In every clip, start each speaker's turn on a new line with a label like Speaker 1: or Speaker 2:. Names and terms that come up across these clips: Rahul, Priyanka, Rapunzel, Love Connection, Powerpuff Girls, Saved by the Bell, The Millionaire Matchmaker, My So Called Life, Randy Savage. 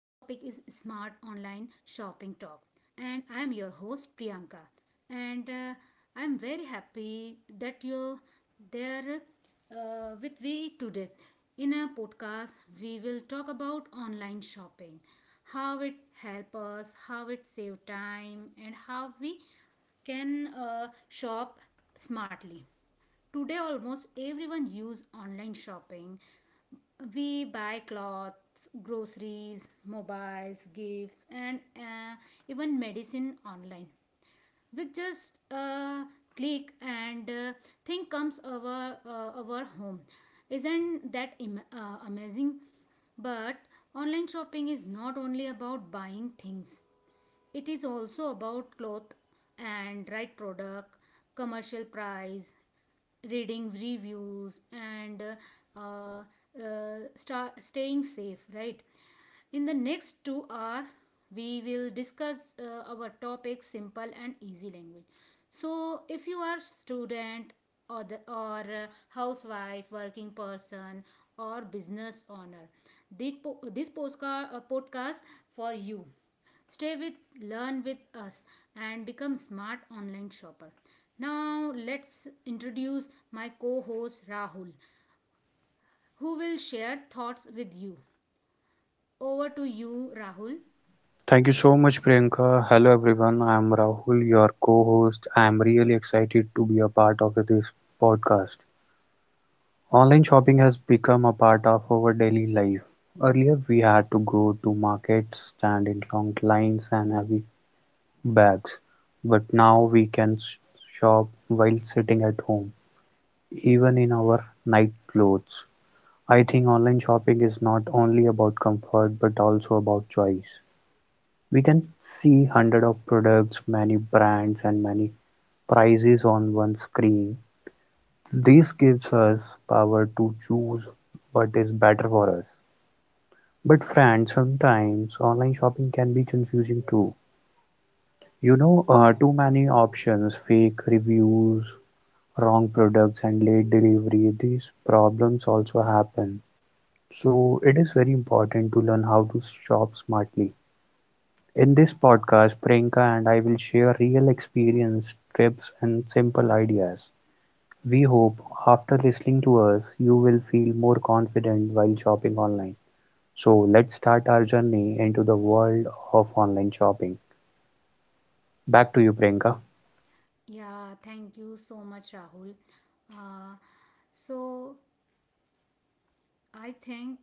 Speaker 1: online shopping talk, and I am your host Priyanka. And I am very happy that you there with me today. In our podcast we will talk about online shopping, how it help us, how it save time, and how we can shop smartly. Today, almost everyone use online shopping. We buy clothes, groceries, mobiles, gifts, and even medicine online. With just a click and thing comes over our home. Isn't that amazing? But online shopping is not only about buying things. It is also about cloth and right product, commercial price, reading reviews, and uh, sta staying safe, right? In the next 2 hour we will discuss our topic simple and easy language. So if you are student, or the or housewife, working person, or business owner, this podcast for you. Stay with, learn with us, and become smart online shopper. Now, let's introduce my co host Rahul, who will share thoughts with you. Over to you, Rahul.
Speaker 2: Thank you so much, Priyanka. Hello, everyone. I'm Rahul, your co host. I'm really excited to be a part of this podcast. Online shopping has become a part of our daily life. Earlier, we had to go to markets, stand in long lines, and heavy bags. But now we can shop while sitting at home, even in our night clothes. I think online shopping is not only about comfort but also about choice. We can see hundred of products, many brands and many prices on one screen. This gives us power to choose what is better for us. But friends, sometimes online shopping can be confusing too. Too many options, fake reviews, wrong products, and late delivery. These problems also happen. So it is very important to learn how to shop smartly. In this podcast, Priyanka and I will share real experience, tips, and simple ideas. We hope after listening to us, you will feel more confident while shopping online. So, let's start our journey into the world of online shopping. Back to you, Priyanka.
Speaker 1: Yeah, thank you so much, Rahul. Uh, so, I think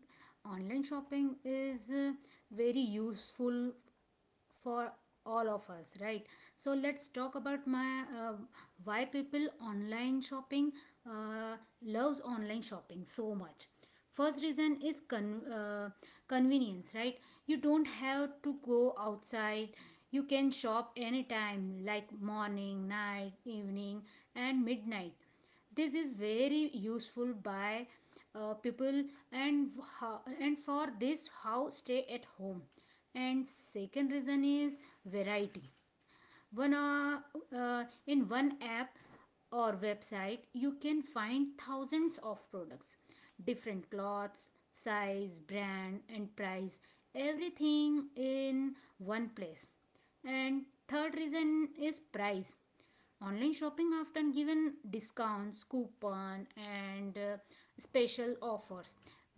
Speaker 1: online shopping is very useful for all of us, right? So let's talk about my why people online shopping uh, loves online shopping so much. First reason is convenience, right? You don't have to go outside. You can shop anytime, like morning, night, evening, and midnight. This is very useful by people. And how, and for this how stay at home. And second reason is variety. One uh, uh, in one app or website you can find thousands of products, different cloths, size, brand, and price, everything in one place. And third reason is price. Online shopping often given discounts, coupon, and special offers.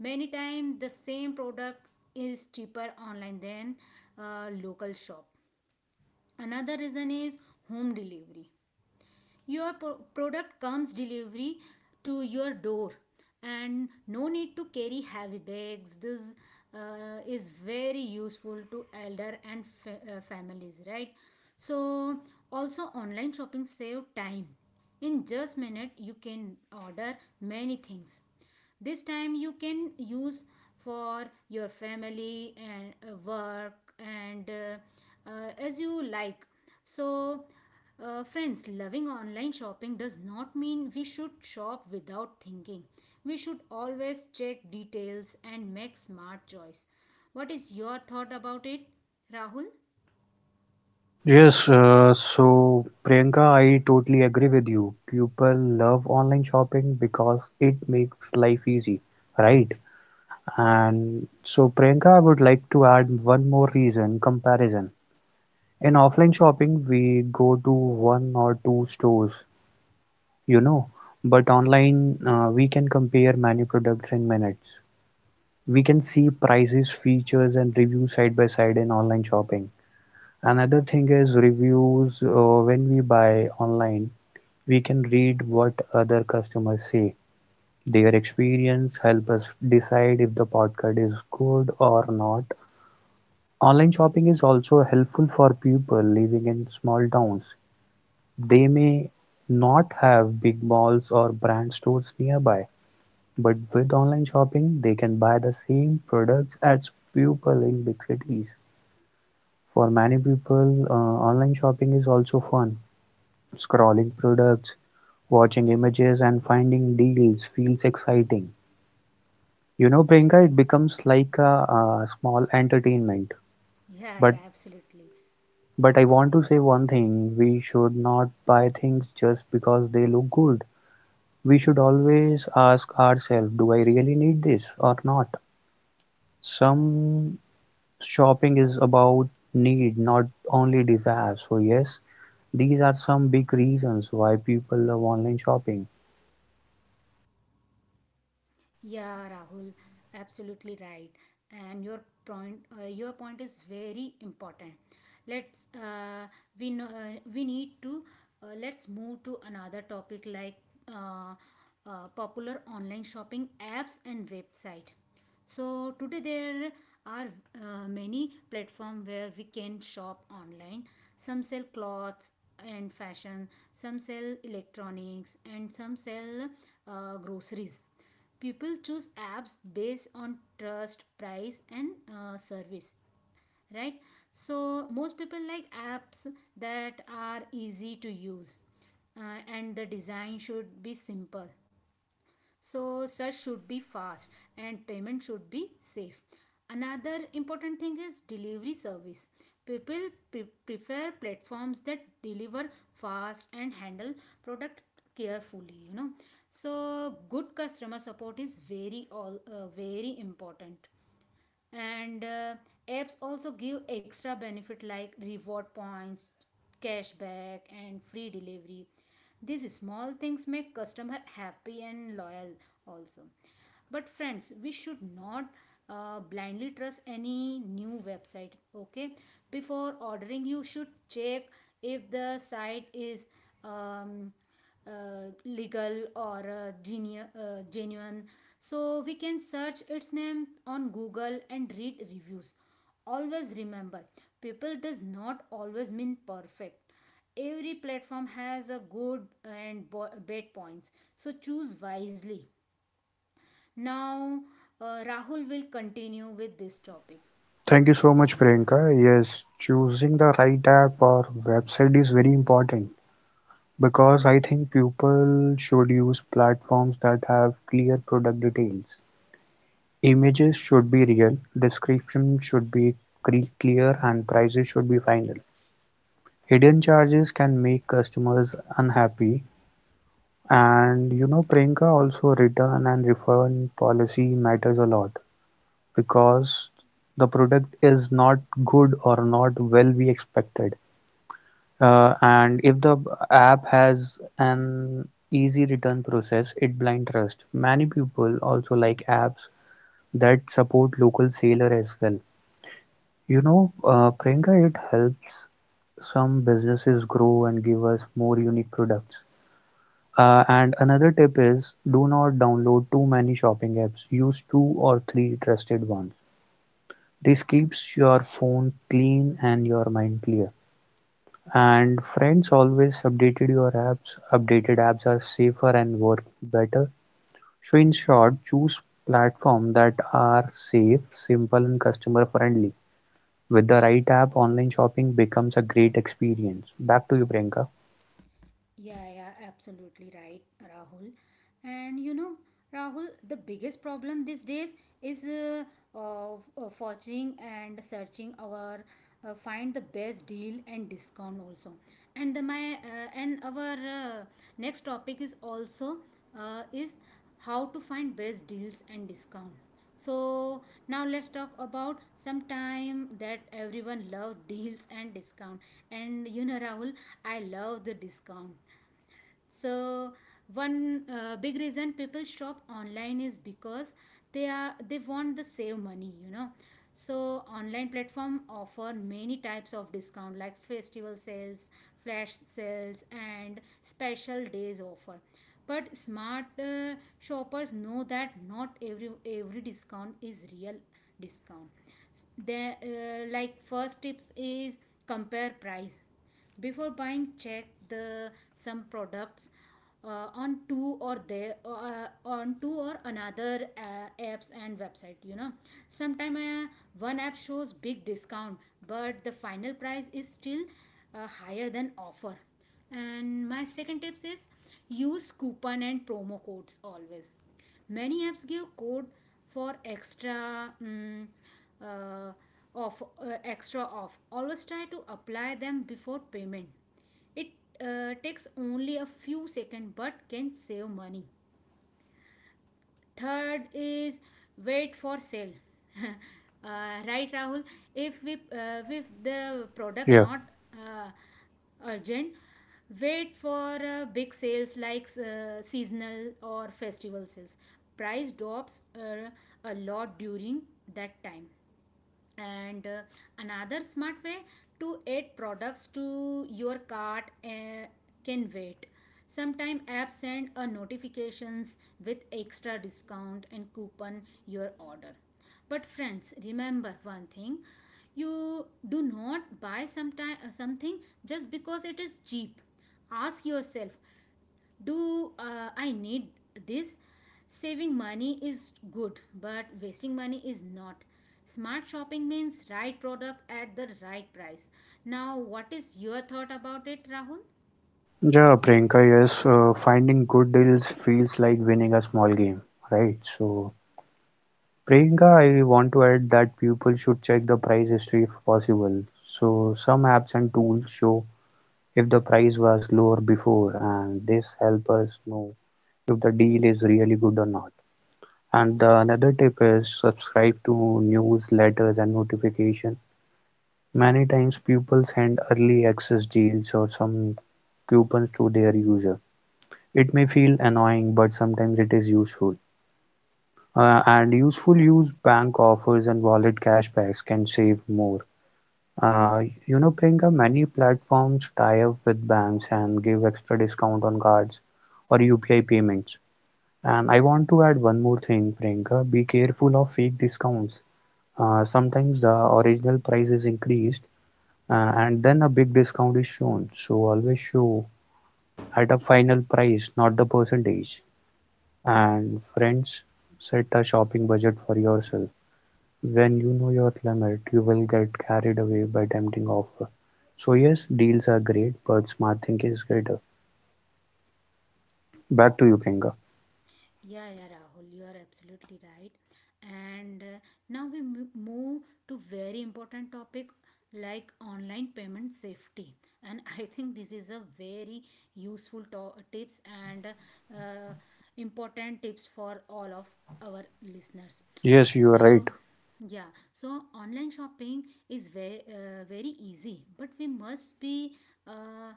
Speaker 1: Many times the same product is cheaper online than a local shop. Another reason is home delivery. Your product comes delivery to your door, and no need to carry heavy bags. This is very useful to elder and families, right? So also online shopping save time. In just minute you can order many things. This time you can use for your family and work and as you like. So friends, loving online shopping does not mean we should shop without thinking. We should always check details and make smart choice. What is your thought about it, Rahul?
Speaker 2: Yes, so Priyanka, I totally agree with you. People love online shopping because it makes life easy, right? And so, Priyanka, I would like to add one more reason comparison. In offline shopping, we go to one or two stores, you know, but online, we can compare many products in minutes. We can see prices, features, and reviews side by side in online shopping. Another thing is reviews. When we buy online, we can read what other customers say. Their experience help us decide if the product is good or not. Online shopping is also helpful for people living in small towns. They may not have big malls or brand stores nearby, but with online shopping, they can buy the same products as people in big cities. For many people, online shopping is also fun. Scrolling products, watching images, and finding deals feels exciting. You know, Priyanka, it becomes like a small entertainment.
Speaker 1: Yeah,
Speaker 2: But
Speaker 1: yeah, absolutely.
Speaker 2: but I want to say one thing: we should not buy things just because they look good. We should always ask ourselves, do I really need this or not? Some shopping is about need, not only desire. So, yes, these are some big reasons why people love online shopping.
Speaker 1: Yeah, Rahul, absolutely right. And your your point is very important. Let's we know, we need to Let's move to another topic like uh, popular online shopping apps and website. So today there are many platforms where we can shop online. Some sell clothes and fashion, some sell electronics, and some sell groceries. People choose apps based on trust, price, and service, right? So most people like apps that are easy to use, and the design should be simple, so search should be fast and payment should be safe. Another important thing is delivery service. People prefer platforms that deliver fast and handle product carefully, you know. So good customer support is very important. And apps also give extra benefit like reward points, cashback, and free delivery. These small things make customer happy and loyal also. But friends, we should not blindly trust any new website, okay? Before ordering you should check if the site is um, legal or genuine. So we can search its name on Google and read reviews. Always remember, people does not always mean perfect. Every platform has a good and bad points. So choose wisely. Now Rahul will continue with this topic.
Speaker 2: Thank you so much, Priyanka. Yes, choosing the right app or website is very important because I think people should use platforms that have clear product details. Images should be real, description should be clear, and prices should be final. Hidden charges can make customers unhappy, and you know Priyanka also return and refund policy matters a lot because the product is not good or not well we expected and if the app has an easy return process it blind trust many people also like apps that support local seller as well. Priyanka, it helps some businesses grow and give us more unique products. And another tip is do not download too many shopping apps. Use two or three trusted ones. This keeps your phone clean and your mind clear. And friends always updated your apps. Updated apps are safer and work better. So in short, choose platforms that are safe, simple and customer friendly. With the right app, online shopping becomes a great experience. Back to you, Priyanka.
Speaker 1: Yeah, yeah, absolutely right, Rahul. And you know, Rahul, the biggest problem these days is of forging and searching our find the best deal and discount also. And the my and our next topic is also is how to find best deals and discount. So now let's talk about some time that everyone love deals and discount. And you know, Rahul, I love the discount. So one big reason people shop online is because they want the save money, you know. So online platform offer many types of discount like festival sales, flash sales, and special days offer. But smart shoppers know that not every discount is real discount. S- they Like, first tips is compare price. Before buying check the some products on two or another apps and website, you know. Sometime one app shows big discount, but the final price is still higher than offer. And my second tips is use coupon and promo codes always. Many apps give code for extra mm, uh, off extra off. Always try to apply them before payment. It takes only a few seconds, but can save money. Third is wait for sale. Right, Rahul? If we if the product
Speaker 2: Yeah.
Speaker 1: not uh, urgent, wait for big sales like seasonal or festival sales. Price drops a lot during that time. And another smart way, to add products to your cart can wait. Sometimes apps send a notifications with extra discount and coupon your order. But friends, remember one thing: you do not buy sometime something just because it is cheap. Ask yourself: do I need this? Saving money is good, but wasting money is not. Smart shopping means right product at the right price. Now what is your thought about it, Rahul?
Speaker 2: Yeah, Priyanka, yes, finding good deals feels like winning a small game, right? So, Priyanka, I want to add that people should check the price history if possible. So, some apps and tools show if the price was lower before, and this help us know if the deal is really good or not. And the another tip is subscribe to newsletters and notification. Many times people send early access deals or some coupons to their user. It may feel annoying, but sometimes it is useful. And useful use bank offers and wallet cashbacks can save more. Uh, you know, Priyanka, many platforms tie up with banks and give extra discount on cards or UPI payments. And I want to add one more thing, Priyanka. Be careful of fake discounts. Sometimes the original price is increased and then a big discount is shown. So always show at a final price, not the percentage. And friends, set a shopping budget for yourself. When you know your limit, you will get carried away by tempting offer. So yes, deals are great, but smart thinking is greater. Back to you, Priyanka.
Speaker 1: Yeah, yeah, Rahul, you are absolutely right. And now we move to very important topic like online payment safety. And I think this is a very useful tips and important tips for all of our listeners.
Speaker 2: Yes, you are
Speaker 1: So,
Speaker 2: right.
Speaker 1: yeah, so online shopping is very easy, but we must be uh,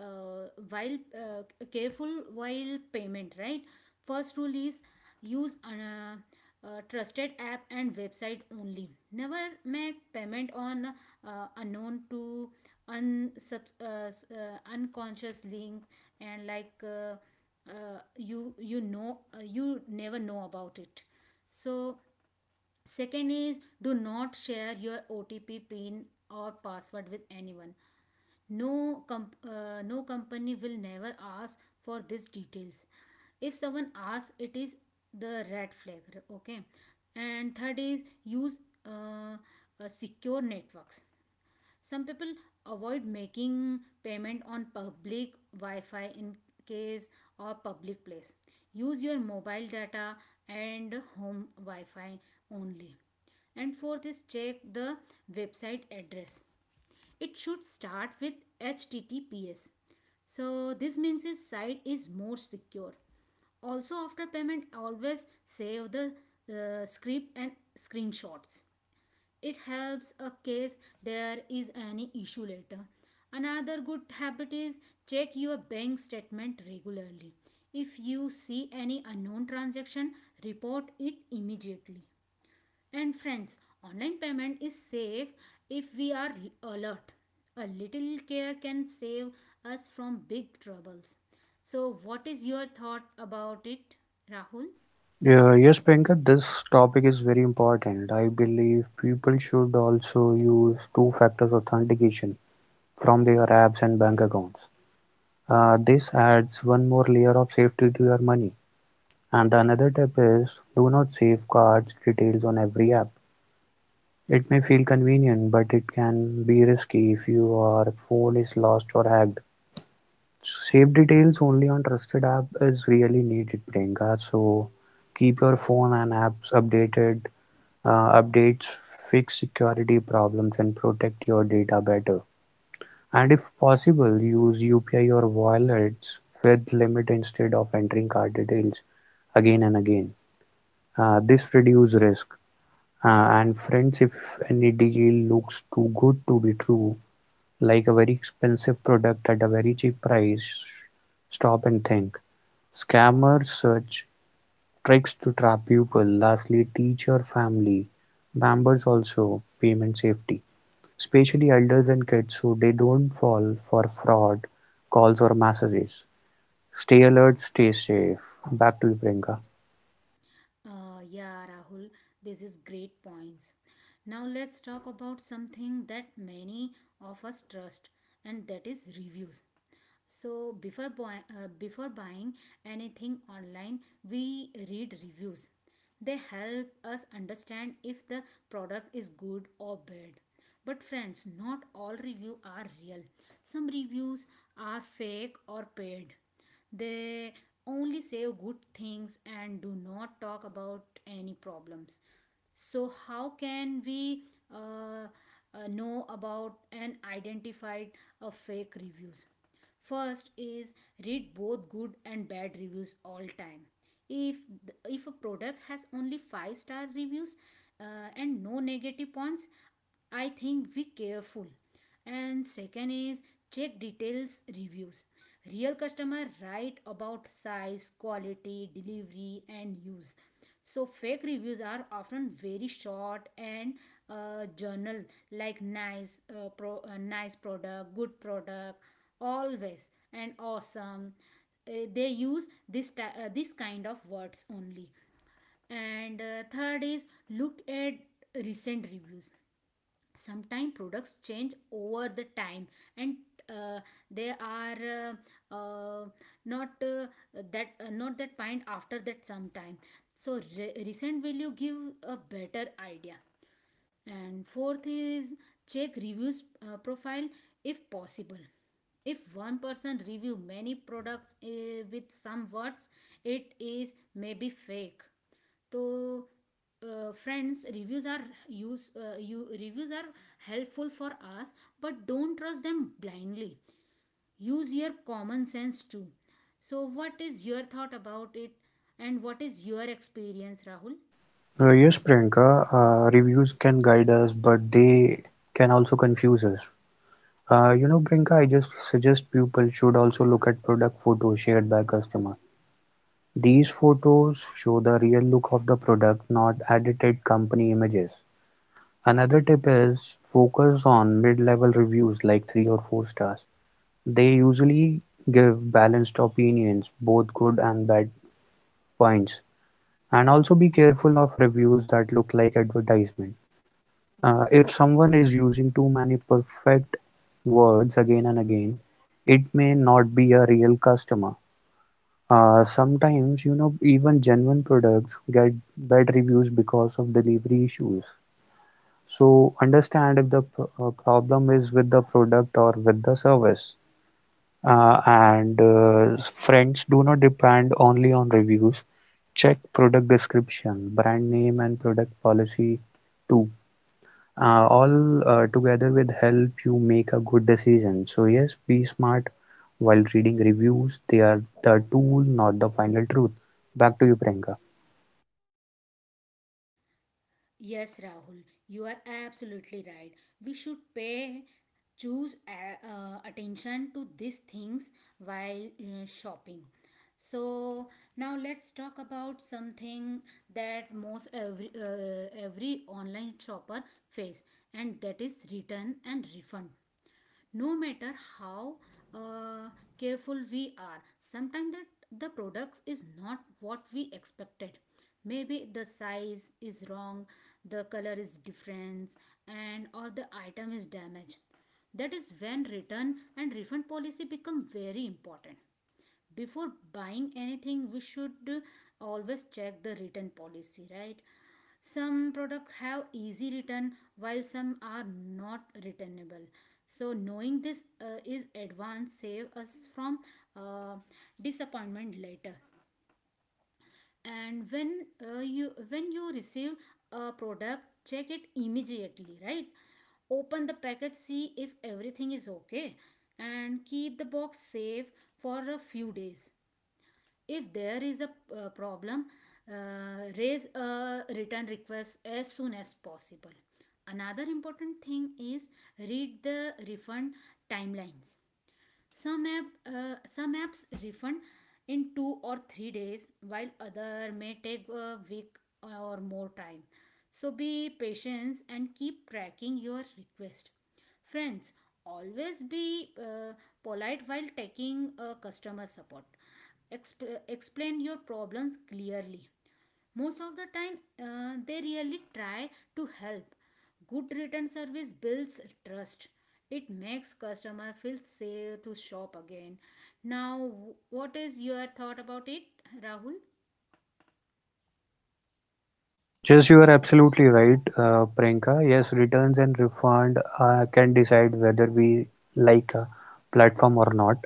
Speaker 1: while careful while payment, right? First rule is use trusted app and website only. Never make payment on unknown to unconscious link. And like, you know, you never know about it. So Second is do not share your OTP pin or password with anyone. No, no company will never ask for these details. If someone asks, it is the red flag. Okay, and third is use uh, secure networks. Some people avoid making payment on public wi-fi in case, or public place. Use your mobile data and home wi-fi only. And fourth is check the website address. It should start with https, so this means his site is more secure. Also after payment always save the script and screenshots. It helps a case there is any issue later. Another good habit is check your bank statement regularly. If you see any unknown transaction, report it immediately. And friends, online payment is safe if we are alert. A little care can save us from big troubles. So what is your thought about it, Rahul?
Speaker 2: Yeah, yes, Priyanka, this topic is very important. I believe people should also use two factors authentication from their apps and bank accounts. This adds one more layer of safety to your money. And another tip is do not safeguard details on every app. It may feel convenient, but it can be risky if your phone is lost or hacked. Save details only on trusted app is really needed, Priyanka. So keep your phone and apps updated, updates, fix security problems, and protect your data better. And if possible, use UPI or wallets with limit instead of entering card details again and again. This reduces risk. And friends, if any deal looks too good to be true, like a very expensive product at a very cheap price, stop and think. Scammers search tricks to trap people. Lastly, teach your family members also payment safety, especially elders and kids, so they don't fall for fraud calls or messages. Stay alert, stay safe. Back to you, Priyanka.
Speaker 1: Yeah, Rahul, this is great points. Now let's talk about something that many of us trust, and that is reviews. So before buying anything online, we read reviews. They help us understand if the product is good or bad. But friends, not all reviews are real. Some reviews are fake or paid. They only say good things and do not talk about any problems. So, how can we uh, know about and identify fake reviews? First is read both good and bad reviews all time. If if a product has only five-star reviews and no negative points, I think be careful. And second is check details reviews. Real customer write about size, quality, delivery, and use. So fake reviews are often very short and journal, like nice product, good product always, and awesome. They use this kind of words only. And third is look at recent reviews. Sometimes products change over the time, and uh, they are uh, uh, not that not that point after that sometime. So recent value give a better idea. And fourth is check reviews profile, if possible. If one person review many products with some words, it is maybe fake. So, friends, reviews are use you reviews are helpful for us, but don't trust them blindly. Use your common sense too. So, what is your thought about it, and what is your experience, Rahul?
Speaker 2: Yes, Priyanka, reviews can guide us, but they can also confuse us. You know, Priyanka, I just suggest people should also look at product photos shared by customer. These photos show the real look of the product, not edited company images. Another tip is focus on mid-level reviews like three or four stars. They usually give balanced opinions, both good and bad points. And also be careful of reviews that look like advertisements. If someone is using too many perfect words again and again, it may not be a real customer. Sometimes, even genuine products get bad reviews because of delivery issues. So, understand if the problem is with the product or with the service. And Friends, do not depend only on reviews. Check product description, brand name, and product policy too, all together will help you make a good decision. So yes, be smart while reading reviews. They are the tool, not the final truth. Back to you, Priyanka.
Speaker 1: Yes, Rahul, you are absolutely right. We should attention to these things while shopping. So now let's talk about something that most every online shopper face, and that is return and refund. No matter how uh, careful we are, sometimes that the products is not what we expected. Maybe the size is wrong, the color is different, and or the item is damaged. That is when return and refund policy become very important. Before buying anything, we should always check the return policy, right? Some products have easy return while some are not returnable. So knowing this is advance save us from uh, disappointment later. And when you receive a product, check it immediately, right? Open the package, see if everything is okay, and keep the box safe for a few days. If there is a problem, raise a return request as soon as possible. Another important thing is read the refund timelines. Some, app, some apps refund in two or three days, while other may take a week or more time. So be patient and keep tracking your request. Friends, always be polite while taking customer support. Explain your problems clearly. Most of the time they really try to help. Good written service builds trust. It makes customer feel safe to shop again. Now, what is your thought about it, Rahul?
Speaker 2: Yes, you are absolutely right, Priyanka. Yes, returns and refund can decide whether we like a platform or not.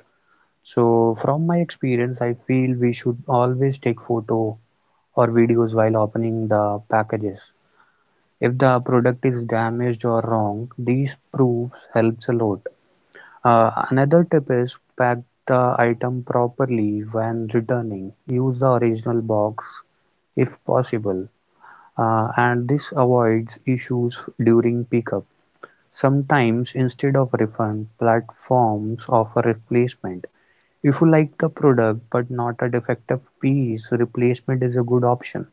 Speaker 2: So from my experience, I feel we should always take photo or videos while opening the packages. If the product is damaged or wrong, these proofs helps a lot. Another tip is pack the item properly when returning. Use the original box if possible, and this avoids issues during pickup. Sometimes, instead of refund, platforms offer replacement. If you like the product but not a defective piece, replacement is a good option.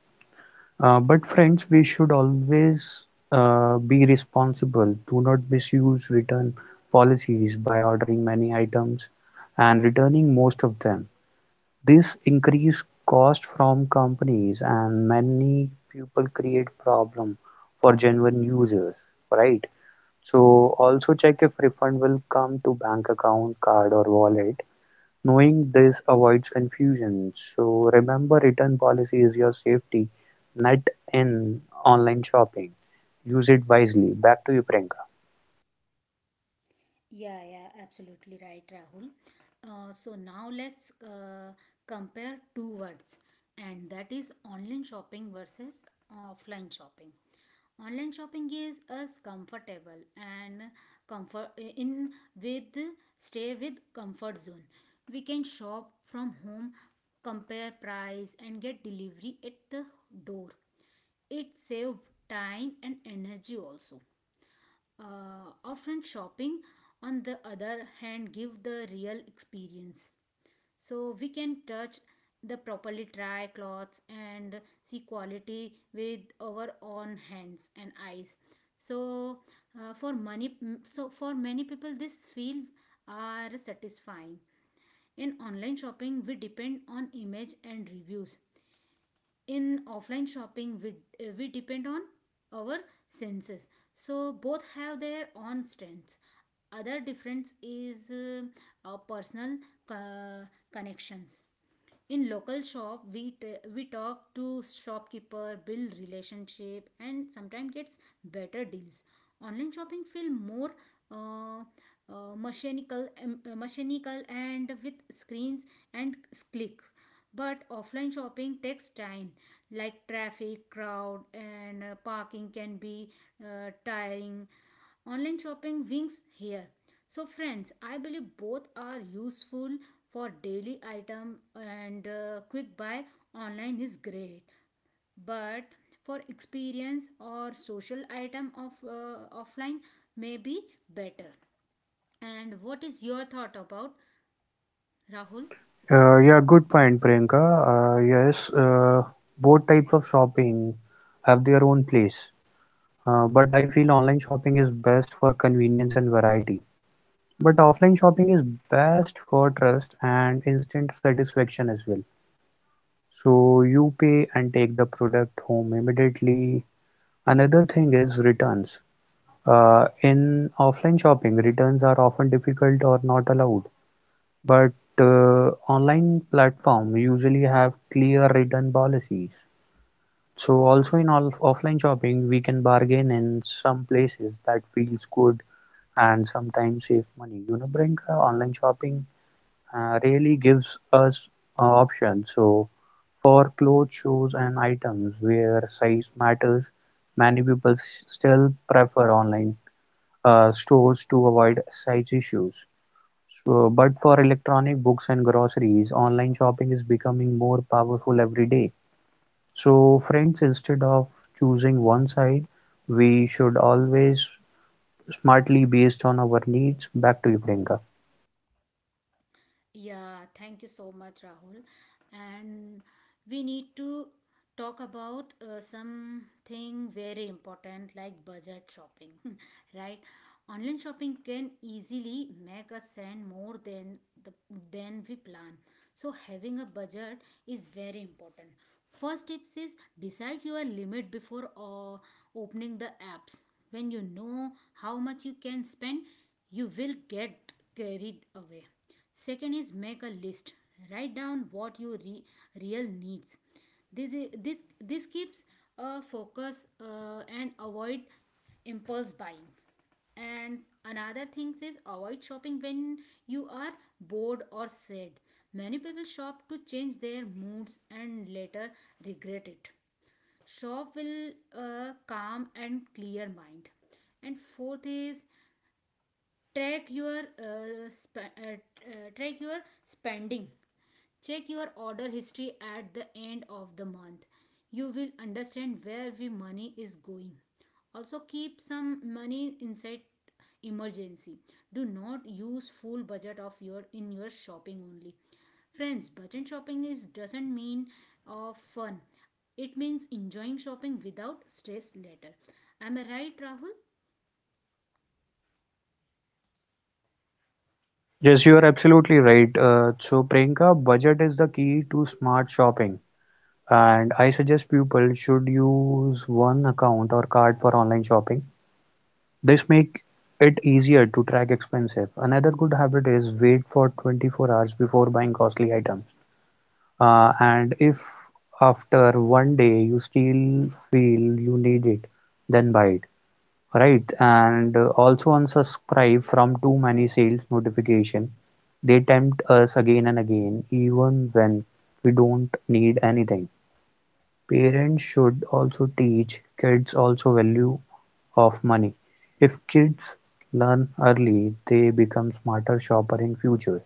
Speaker 2: But friends, we should always be responsible. Do not misuse return policies by ordering many items and returning most of them. This increase cost from companies and many people create problem for genuine users, right? So also check if refund will come to bank account, card or wallet. Knowing this avoids confusion, so remember return policy is your safety net in online shopping. Use it wisely. Back to you, Priyanka.
Speaker 1: Yeah, yeah, absolutely right, Rahul. So now let's compare two words, and that is online shopping versus offline shopping. Online shopping gives us comfortable and comfort in with stay with comfort zone. We can shop from home, compare price, and get delivery at the door. It saves time and energy also. Often shopping, on the other hand, give the real experience. So we can touch the properly, try clothes and see quality with our own hands and eyes. So uh, for money, so for many people, this feel are satisfying. In online shopping, we depend on image and reviews. In offline shopping, we depend on our senses. So both have their own strengths. Other difference is our personal co- connections. In local shop, we talk to shopkeeper, build relationship, and sometimes gets better deals. Online shopping feel more uh, mechanical and with screens and clicks. But offline shopping takes time, like traffic, crowd, and parking can be tiring. Online shopping wings here. So, friends, I believe both are useful. For daily item and quick buy, online is great, but for experience or social item of offline may be better. And what is your thought about Rahul?
Speaker 2: Yeah, good point, Priyanka. Yes, both types of shopping have their own place. But I feel online shopping is best for convenience and variety. But offline shopping is best for trust and instant satisfaction as well. So you pay and take the product home immediately. Another thing is returns. In offline shopping, returns are often difficult or not allowed, but online platform usually have clear return policies. So also in all offline shopping, we can bargain in some places that feels good and sometimes save money. You know, Brink, online shopping really gives us options. So for clothes, shoes, and items where size matters, many people still prefer online stores to avoid size issues. So, but for electronic books and groceries, online shopping is becoming more powerful every day. So, friends, instead of choosing one side, we should always smartly based on our needs. Back to you, Priyanka.
Speaker 1: Yeah, thank you so much, Rahul. And we need to talk about something very important like budget shopping, right? Online shopping can easily make us spend more than the than we plan. So having a budget is very important. First tips is decide your limit before opening the apps. When you know how much you can spend, you will get carried away. Second is make a list, write down what your real needs. This is, this this keeps a focus and avoid impulse buying. And another thing is avoid shopping when you are bored or sad. Many people shop to change their moods and later regret it. Shop will calm and clear mind. And fourth is track your spending. Check your order history at the end of the month, you will understand where the money is going. Also keep some money inside emergency. Do not use full budget of your in your shopping only. Friends, budget shopping is doesn't mean of fun, it means enjoying shopping without stress later. Am I right, Rahul?
Speaker 2: Yes, you are absolutely right. So, Priyanka, budget is the key to smart shopping, and I suggest people should use one account or card for online shopping. This make it easier to track expenses. Another good habit is wait for 24 hours before buying costly items. And if after one day you still feel you need it, then buy it, right? And also unsubscribe from too many sales notification. They tempt us again and again, even when we don't need anything. Parents should also teach kids also value of money. If kids learn early they become smarter shopper in future.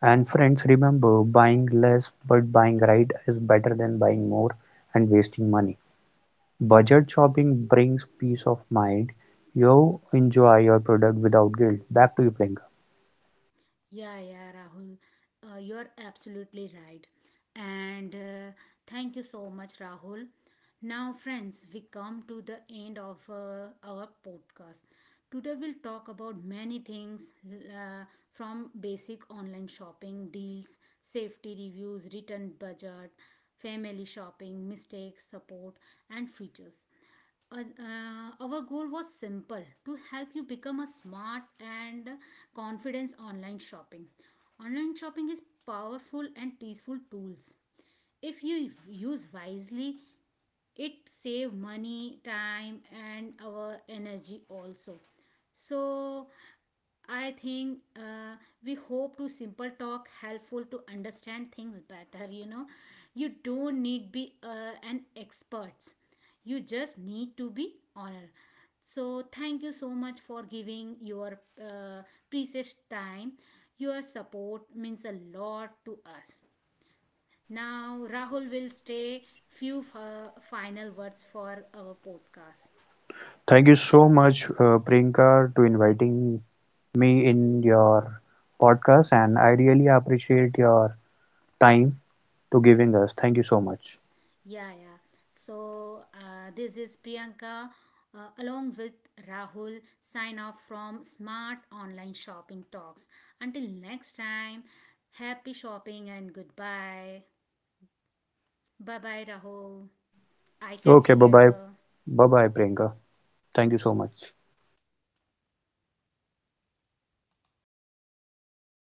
Speaker 2: And friends remember buying less but buying right is better than buying more and wasting money. Budget shopping brings peace of mind. You enjoy your product without guilt. Back to you, Priyanka.
Speaker 1: Yeah, yeah, Rahul, you're absolutely right. And thank you so much, Rahul. Now, friends, we come to the end of our podcast. Today, we'll talk about many things, from basic online shopping, deals, safety reviews, return budget, family shopping, mistakes, support, and features. Our goal was simple, to help you become a smart and confident online shopping. Online shopping is powerful and peaceful tools. If you use wisely, it save money, time, and our energy also. So I think we hope to simple talk helpful to understand things better, you know. You don't need be an experts, you just need to be honor. So thank you so much for giving your precious time. Your support means a lot to us. Now, Rahul will stay final words for our podcast.
Speaker 2: Thank you so much, Priyanka, to inviting me in your podcast, and I really appreciate your time to giving us. Thank you so much.
Speaker 1: Yeah, yeah. So, this is Priyanka along with Rahul sign off from Smart Online Shopping Talks. Until next time, happy shopping and goodbye. Bye bye, Rahul. I catch
Speaker 2: Okay,
Speaker 1: you
Speaker 2: bye bye.
Speaker 1: later.
Speaker 2: Bye bye, Priyanka. Thank you so much.